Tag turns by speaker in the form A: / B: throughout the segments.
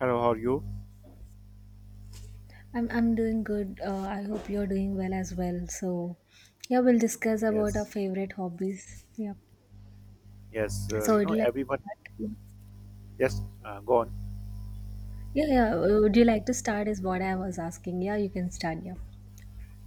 A: Hello, how are you?
B: I'm doing good. I hope you're doing well as well. Yeah, we'll discuss about our
A: Yes,
B: favorite hobbies. Yeah.
A: yes.
B: So, would you like
A: Everyone.
B: to start?
A: Yes, go on.
B: Yeah. Would you like to start? Is what I was asking. Yeah, you can start. Yeah.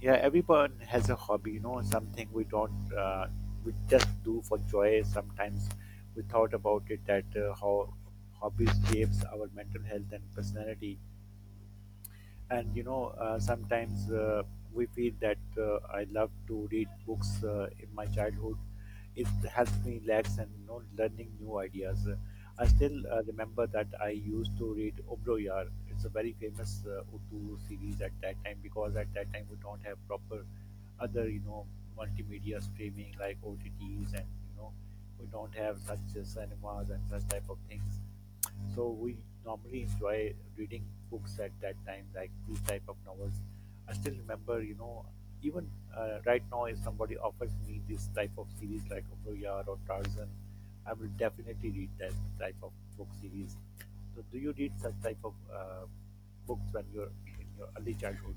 A: Yeah, everyone has a hobby. You know, something we don't, we just do for joy. Sometimes we thought about it that how hobbies shapes our mental health and personality. And sometimes we feel that I love to read books in my childhood it helps me relax, and you know, learning new ideas. I still remember that I used to read Obro Yar. It's a very famous Urdu series at that time, because at that time we don't have proper other, you know, multimedia streaming like OTTs, and you know, we don't have such cinemas and such type of things. So we normally enjoy reading books at that time, like these type of novels. I still remember, you know, even right now, if somebody offers me this type of series like Ovoyar or Tarzan, I will definitely read that type of book series. So, do you read such type of books when you're in your early childhood?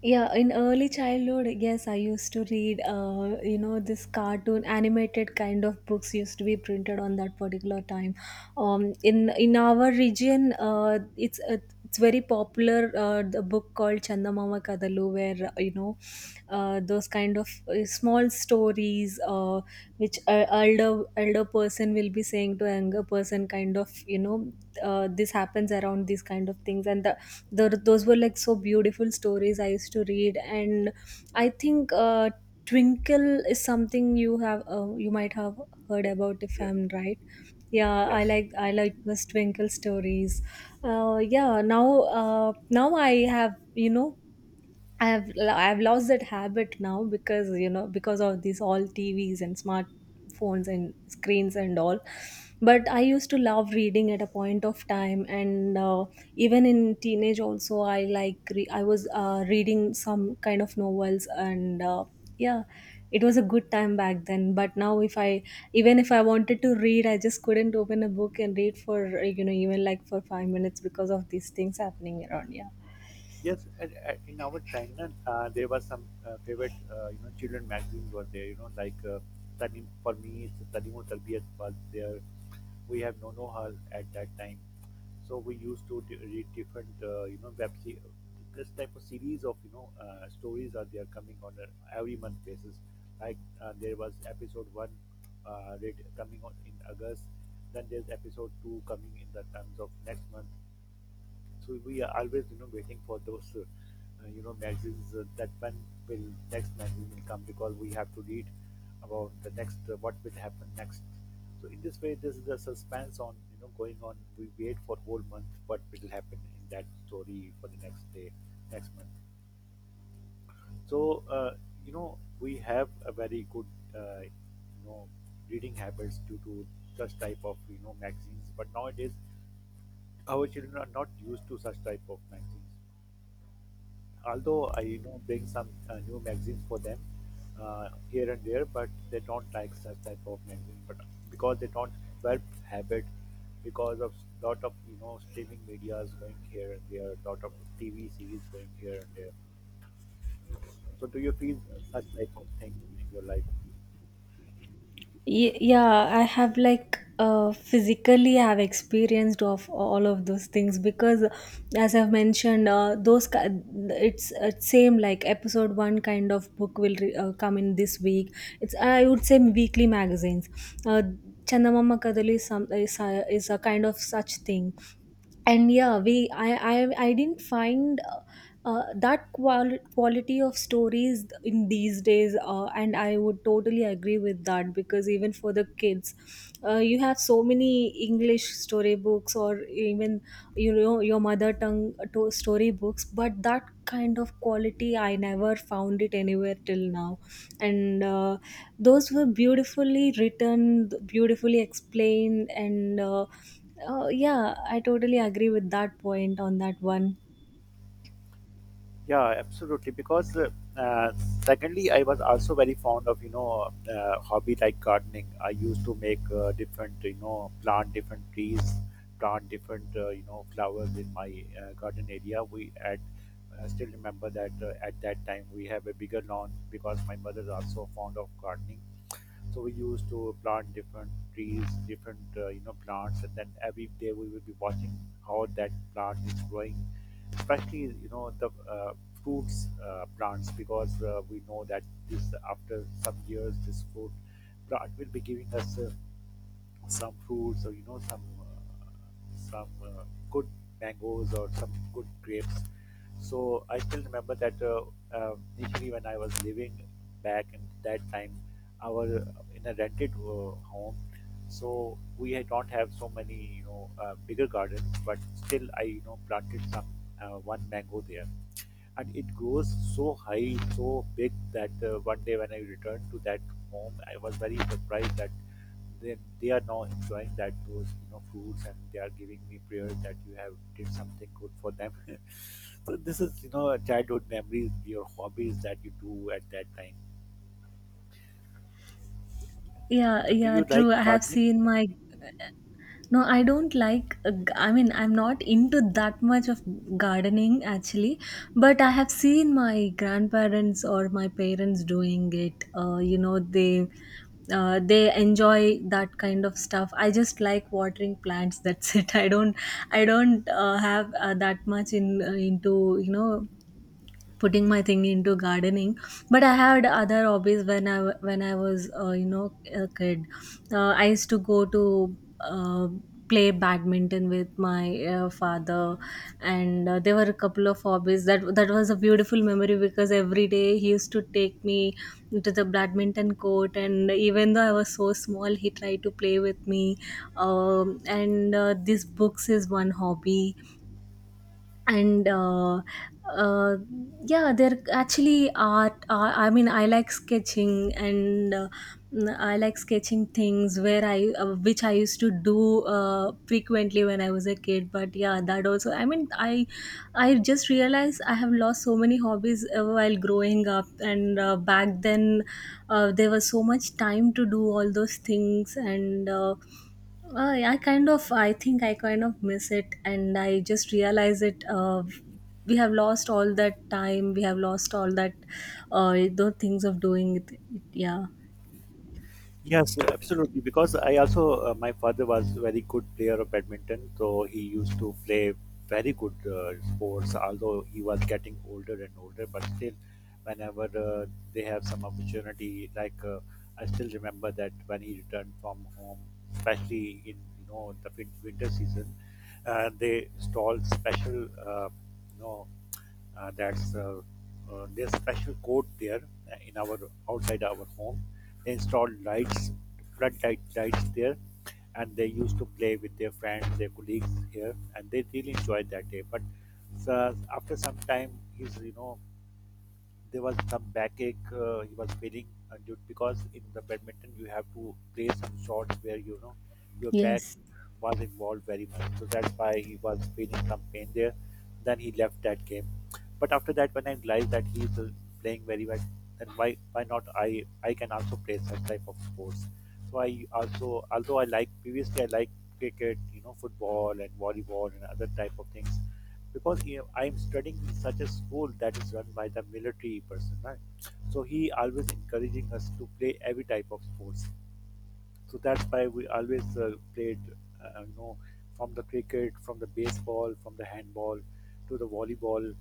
B: Yeah, in early childhood, yes, I used to read, you know, this cartoon animated kind of books used to be printed on that particular time. In our region, it's very popular the book called Chandamama Kadalu, where you know those kind of small stories which a elder person will be saying to a younger person kind of you know this happens around these kind of things and the those were like so beautiful stories I used to read. And I think twinkle is something you have you might have heard
A: Yes,
B: about, if
A: yes,
B: I'm right. Yeah, i
A: yes.
B: like i like those twinkle stories. uh, yeah now uh, Now I have, you know, I've lost that habit now because you know because of these all TVs and smartphones and screens and all. But I used to love reading at a point of time, and even in teenage also I like I was reading some kind of novels, and yeah, it was a good time back then. But now, if I even if I wanted to read, I just couldn't open a book and read for you know even like for 5 minutes, because of these things happening around. Yeah.
A: Yes, in our time, na, there were some favorite, you know, children magazines were there. You know, like Tanim for me, it's Tanimo Tarbiyat was there. We have Nono Hal at that time, so we used to read different, you know, this type of series of you know stories are there coming on a every month basis. Like there was episode one read, coming on in August, then there's episode two coming in the terms of next month. So we are always, you know, waiting for those, you know, magazines that when will next magazine will come, because we have to read about the next what will happen next. So in this way, this is the suspense on, you know, going on. We wait for whole month what will happen in that story for the next day, next month. So you know, we have a very good, you know, reading habits due to such type of you know magazines. But nowadays, our children are not used to such type of magazines, although I you know bring some new magazines for them here and there, but they don't like such type of magazine. But because they don't develop habit, because of lot of you know streaming medias going here and there, lot of TV series going here and there. So do you feel such type of thing in your life?
B: Yeah, I have like physically I have experienced of all of those things because, as I've mentioned it's same like episode 1 kind of book will come in this week. It's I would say weekly magazines. uh, Chandamama Kadali is, is a kind of such thing. And yeah, I didn't find that quality of stories in these days, and I would totally agree with that because even for the kids, you have so many english storybooks, or even you know your mother tongue storybooks, but that kind of quality I never found it anywhere till now. And those were beautifully written, beautifully explained, and yeah, I totally agree with that point on that one.
A: Yeah, absolutely. Because uh, secondly, I was also very fond of you know hobby like gardening. I used to make different you know plant different trees, plant different you know flowers in my garden area. We at I still remember that at that time we have a bigger lawn, because my mother is also fond of gardening. So we used to plant different trees, different you know plants, and then every day we will be watching how that plant is growing, especially you know the uh, fruits plants, because we know that this after some years this fruit plant will be giving us some fruits or you know some good mangoes or some good grapes. So I still remember that initially when I was living back in that time, our in a rented home, so we had not have so many you know bigger gardens, but still I you know planted some one mango there, and it grows so high, so big that one day when I returned to that home, I was very surprised that they are now enjoying that those you know fruits, and they are giving me prayers that you have did something good for them. So this is you know childhood memories, your hobbies that you do at that time.
B: Yeah,
A: So do
B: yeah,
A: you
B: true.
A: like
B: I have
A: gardening?
B: seen my No, I don't like, I mean, I'm not into that much of gardening actually, but I have seen my grandparents or my parents doing it. You know, they. They enjoy that kind of stuff. I just like watering plants, that's it. I don't have that much in into you know putting my thing into gardening. But I had other hobbies when when I was, you know, a kid. I used to go to uh, play badminton with my father, and there were a couple of hobbies that was a beautiful memory because every day he used to take me to the badminton court, and even though I was so small, he tried to play with me. And these books is one hobby. And uh, yeah, they're actually art. I mean, I like sketching, and I like sketching things where I which I used to do frequently when I was a kid. But yeah, that also, I mean, I just realized I have lost so many hobbies while growing up. And back then there was so much time to do all those things. And I kind of I kind of miss it, and I just realize it. We have lost all that time, we have lost all that those things of doing it, it. Yeah.
A: Yes, absolutely. Because I also, my father was very good player of badminton, so he used to play very good sports. Although he was getting older and older, but still, whenever they have some opportunity, like I still remember that when he returned from home, especially in you know the winter season, they stalled special you know that's there's special code there in our outside our home. They installed lights, floodlight lights there, and they used to play with their friends, their colleagues here, and they really enjoyed that day. But so after some time, his you know there was some backache, he was feeling because in the badminton you have to play some shots where you know your back
B: Yes.
A: was involved very much, so that's why he was feeling some pain there. Then he left that game. But after that when I realized that he is playing very well, then why not I can also play such type of sports. So I also, although I like previously I like cricket, you know, football and volleyball and other type of things, because you know, I'm studying in such a school that is run by the military personnel. So he always encouraging us to play every type of sports, so that's why we always played you know from the cricket, from the baseball, from the handball to the volleyball.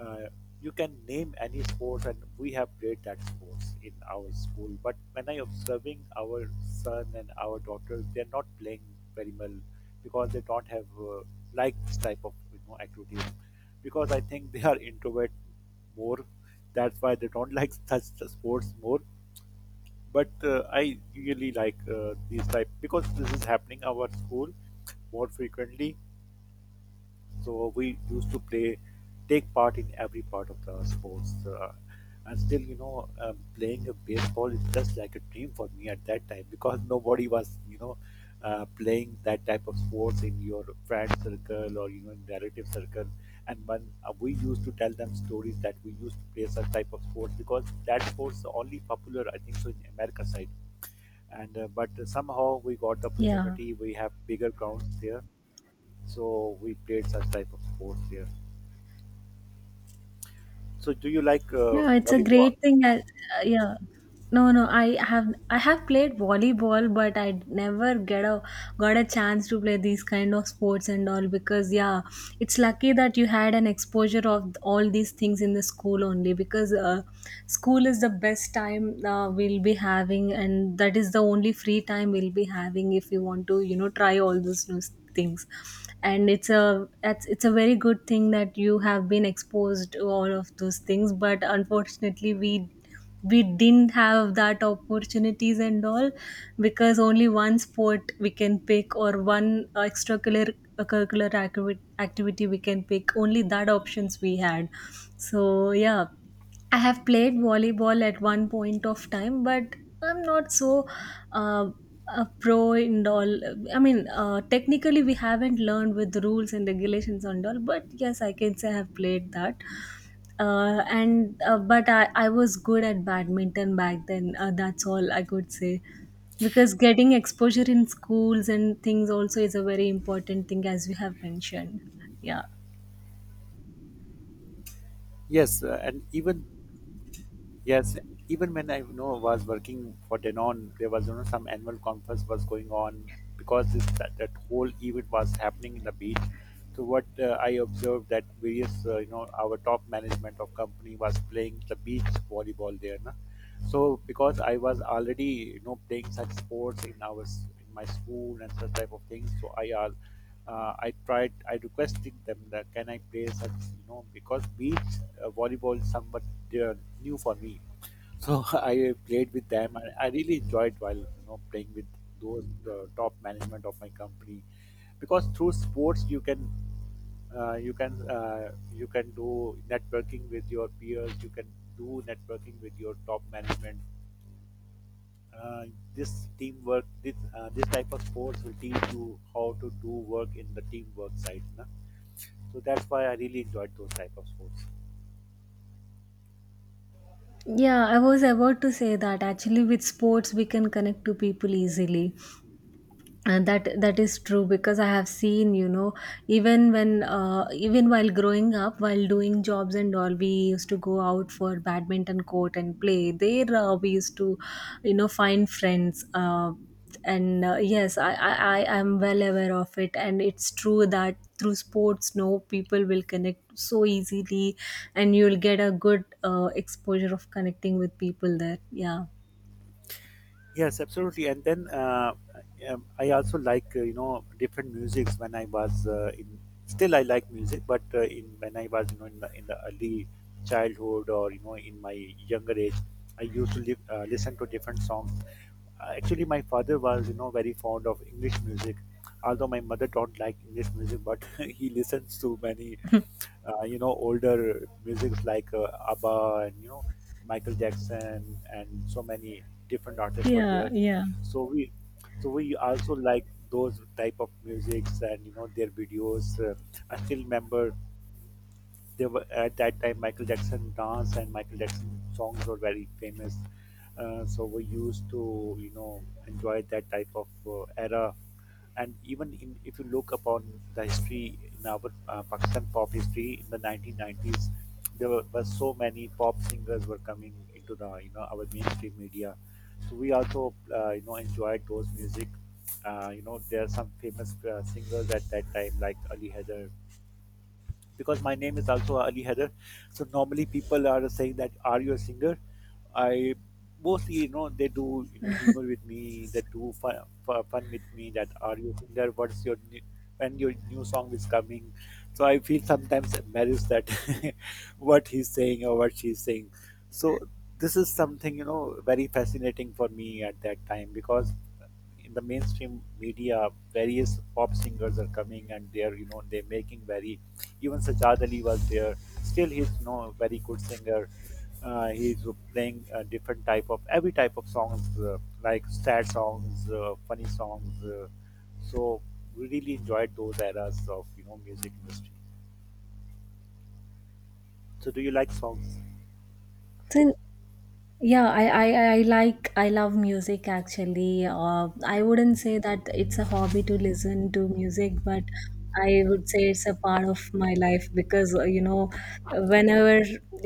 A: uh, you can name any sports and we have played that sports in our school. But when I observing our son and our daughters, they're not playing very well, because they don't have like this type of you know activities, because I think they are introvert more, that's why they don't like such sports more. But I really like these type, because this is happening our school more frequently. So we used to play, take part in every part of the sports, and still, you know, playing a baseball is just like a dream for me at that time, because nobody was, you know, playing that type of sports in your friend circle or you know in relative circle. And when we used to tell them stories that we used to play such type of sports, because that sports are only popular, I think, so in America side. And but somehow we got the
B: Yeah.
A: opportunity. We have bigger grounds there, so we played such type of sports there. So do you like
B: Yeah, it's a
A: volleyball?
B: great thing. I, yeah, no, No, I have played volleyball, but I never get a got a chance to play these kind of sports and all. Because yeah, it's lucky that you had an exposure of all these things in the school only, because school is the best time we'll be having, and that is the only free time we'll be having if you want to you know try all those new things. And it's a that's it's a very good thing that you have been exposed to all of those things, but unfortunately we didn't have that opportunities and all, because only one sport we can pick, or one extracurricular activity we can pick, only that options we had. So yeah, I have played volleyball at one point of time, but I'm not so uh, a pro in all. I mean, technically, we haven't learned with rules and regulations and all, but yes, I can say I have played that. And but I was good at badminton back then. That's all I could say, because getting exposure in schools and things also is a very important thing, as we have mentioned. Yeah.
A: Yes, and even yes, even when I you know was working for Danone, there was you know some annual conference was going on, because this, that, that whole event was happening in the beach. So what I observed that various you know our top management of company was playing the beach volleyball there. Na? So because I was already you know playing such sports in our in my school and such type of things, so I tried I requested them that can I play such you know, because beach volleyball is somewhat uh, new for me. So I played with them, and I really enjoyed while you know playing with those top management of my company, because through sports you can you can do networking with your peers, you can do networking with your top management. Uh, this teamwork, this type of sports will teach you how to do work in the teamwork side. Na? So that's why I really enjoyed those type of sports.
B: Yeah, I was about to say that actually with sports we can connect to people easily, and that is true because I have seen you know even when even while growing up, while doing jobs and all, we used to go out for badminton court and play there. We used to you know find friends. And yes, I, I am well aware of it, and it's true that through sports no people will connect so easily, and you'll get a good exposure of connecting with people there. Yeah.
A: Yes, absolutely. And then I also like you know different musics when I was in. Still, I like music, but in when I was you know in the early childhood or you know in my younger age, I listen to different songs. Actually, my father was you know very fond of English music, although my mother don't like English music, but he listens to many you know older musics like ABBA and you know Michael Jackson, and so many different artists were
B: Yeah,
A: there.
B: yeah.
A: So we also like those type of musics and you know their videos. I still remember there were at that time Michael Jackson dance and Michael Jackson songs were very famous. So we used to you know enjoy that type of era. And even in, if you look upon the history in our Pakistan pop history in the 1990s, there were so many pop singers were coming into the you know our mainstream media. So we also you know enjoyed those music. You know there are some famous singers at that time like Ali Haider, because my name is also Ali Heather. So normally people are saying that are you a singer? I mostly you know they do you know humor with me. They do fun, fun with me that are you a singer? What's your new, when your new song is coming? So I feel sometimes embarrassed that what he's saying or what she's saying. So this is something you know very fascinating for me at that time, because in the mainstream media, various pop singers are coming and they're you know they're making very even Sajad Ali was there. Still, he's you know a very good singer. He's playing different type of every type of songs like sad songs, funny songs. So we really enjoyed those eras of you know music industry. So do you like songs?
B: So yeah, I like, I love music actually. I wouldn't say that it's a hobby to listen to music, but I would say it's a part of my life because, you know, whenever,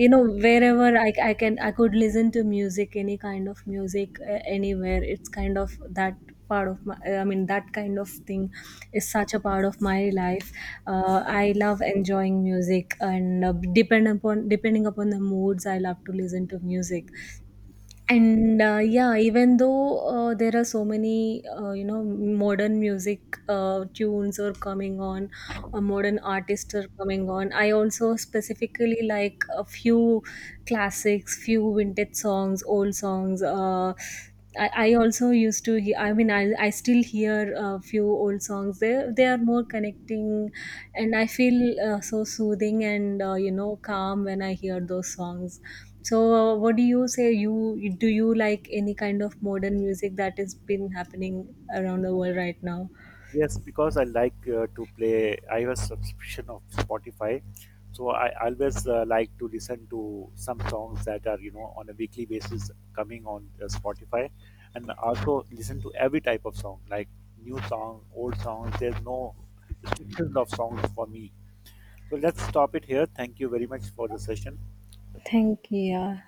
B: you know, wherever I can, I could listen to music, any kind of music, anywhere. It's kind of that part of my, I mean, that kind of thing is such a part of my life. I love enjoying music, and depend upon, depending upon the moods, I love to listen to music. And yeah, even though there are so many you know modern music tunes are coming on or modern artists are coming on, I also specifically like a few classics, few vintage songs, old songs. I also used to hear, I mean, I still hear a few old songs. They are more connecting, and I feel so soothing and you know calm when I hear those songs. So, what do you say? You do you like any kind of modern music that has been happening around the world right now?
A: Yes, because I like to play. I have a subscription of Spotify, so I always like to listen to some songs that are you know on a weekly basis coming on Spotify, and also listen to every type of song, like new song, old songs. There's no restrictions of songs for me. So let's stop it here. Thank you very much for the session.
B: Thank you. Yeah.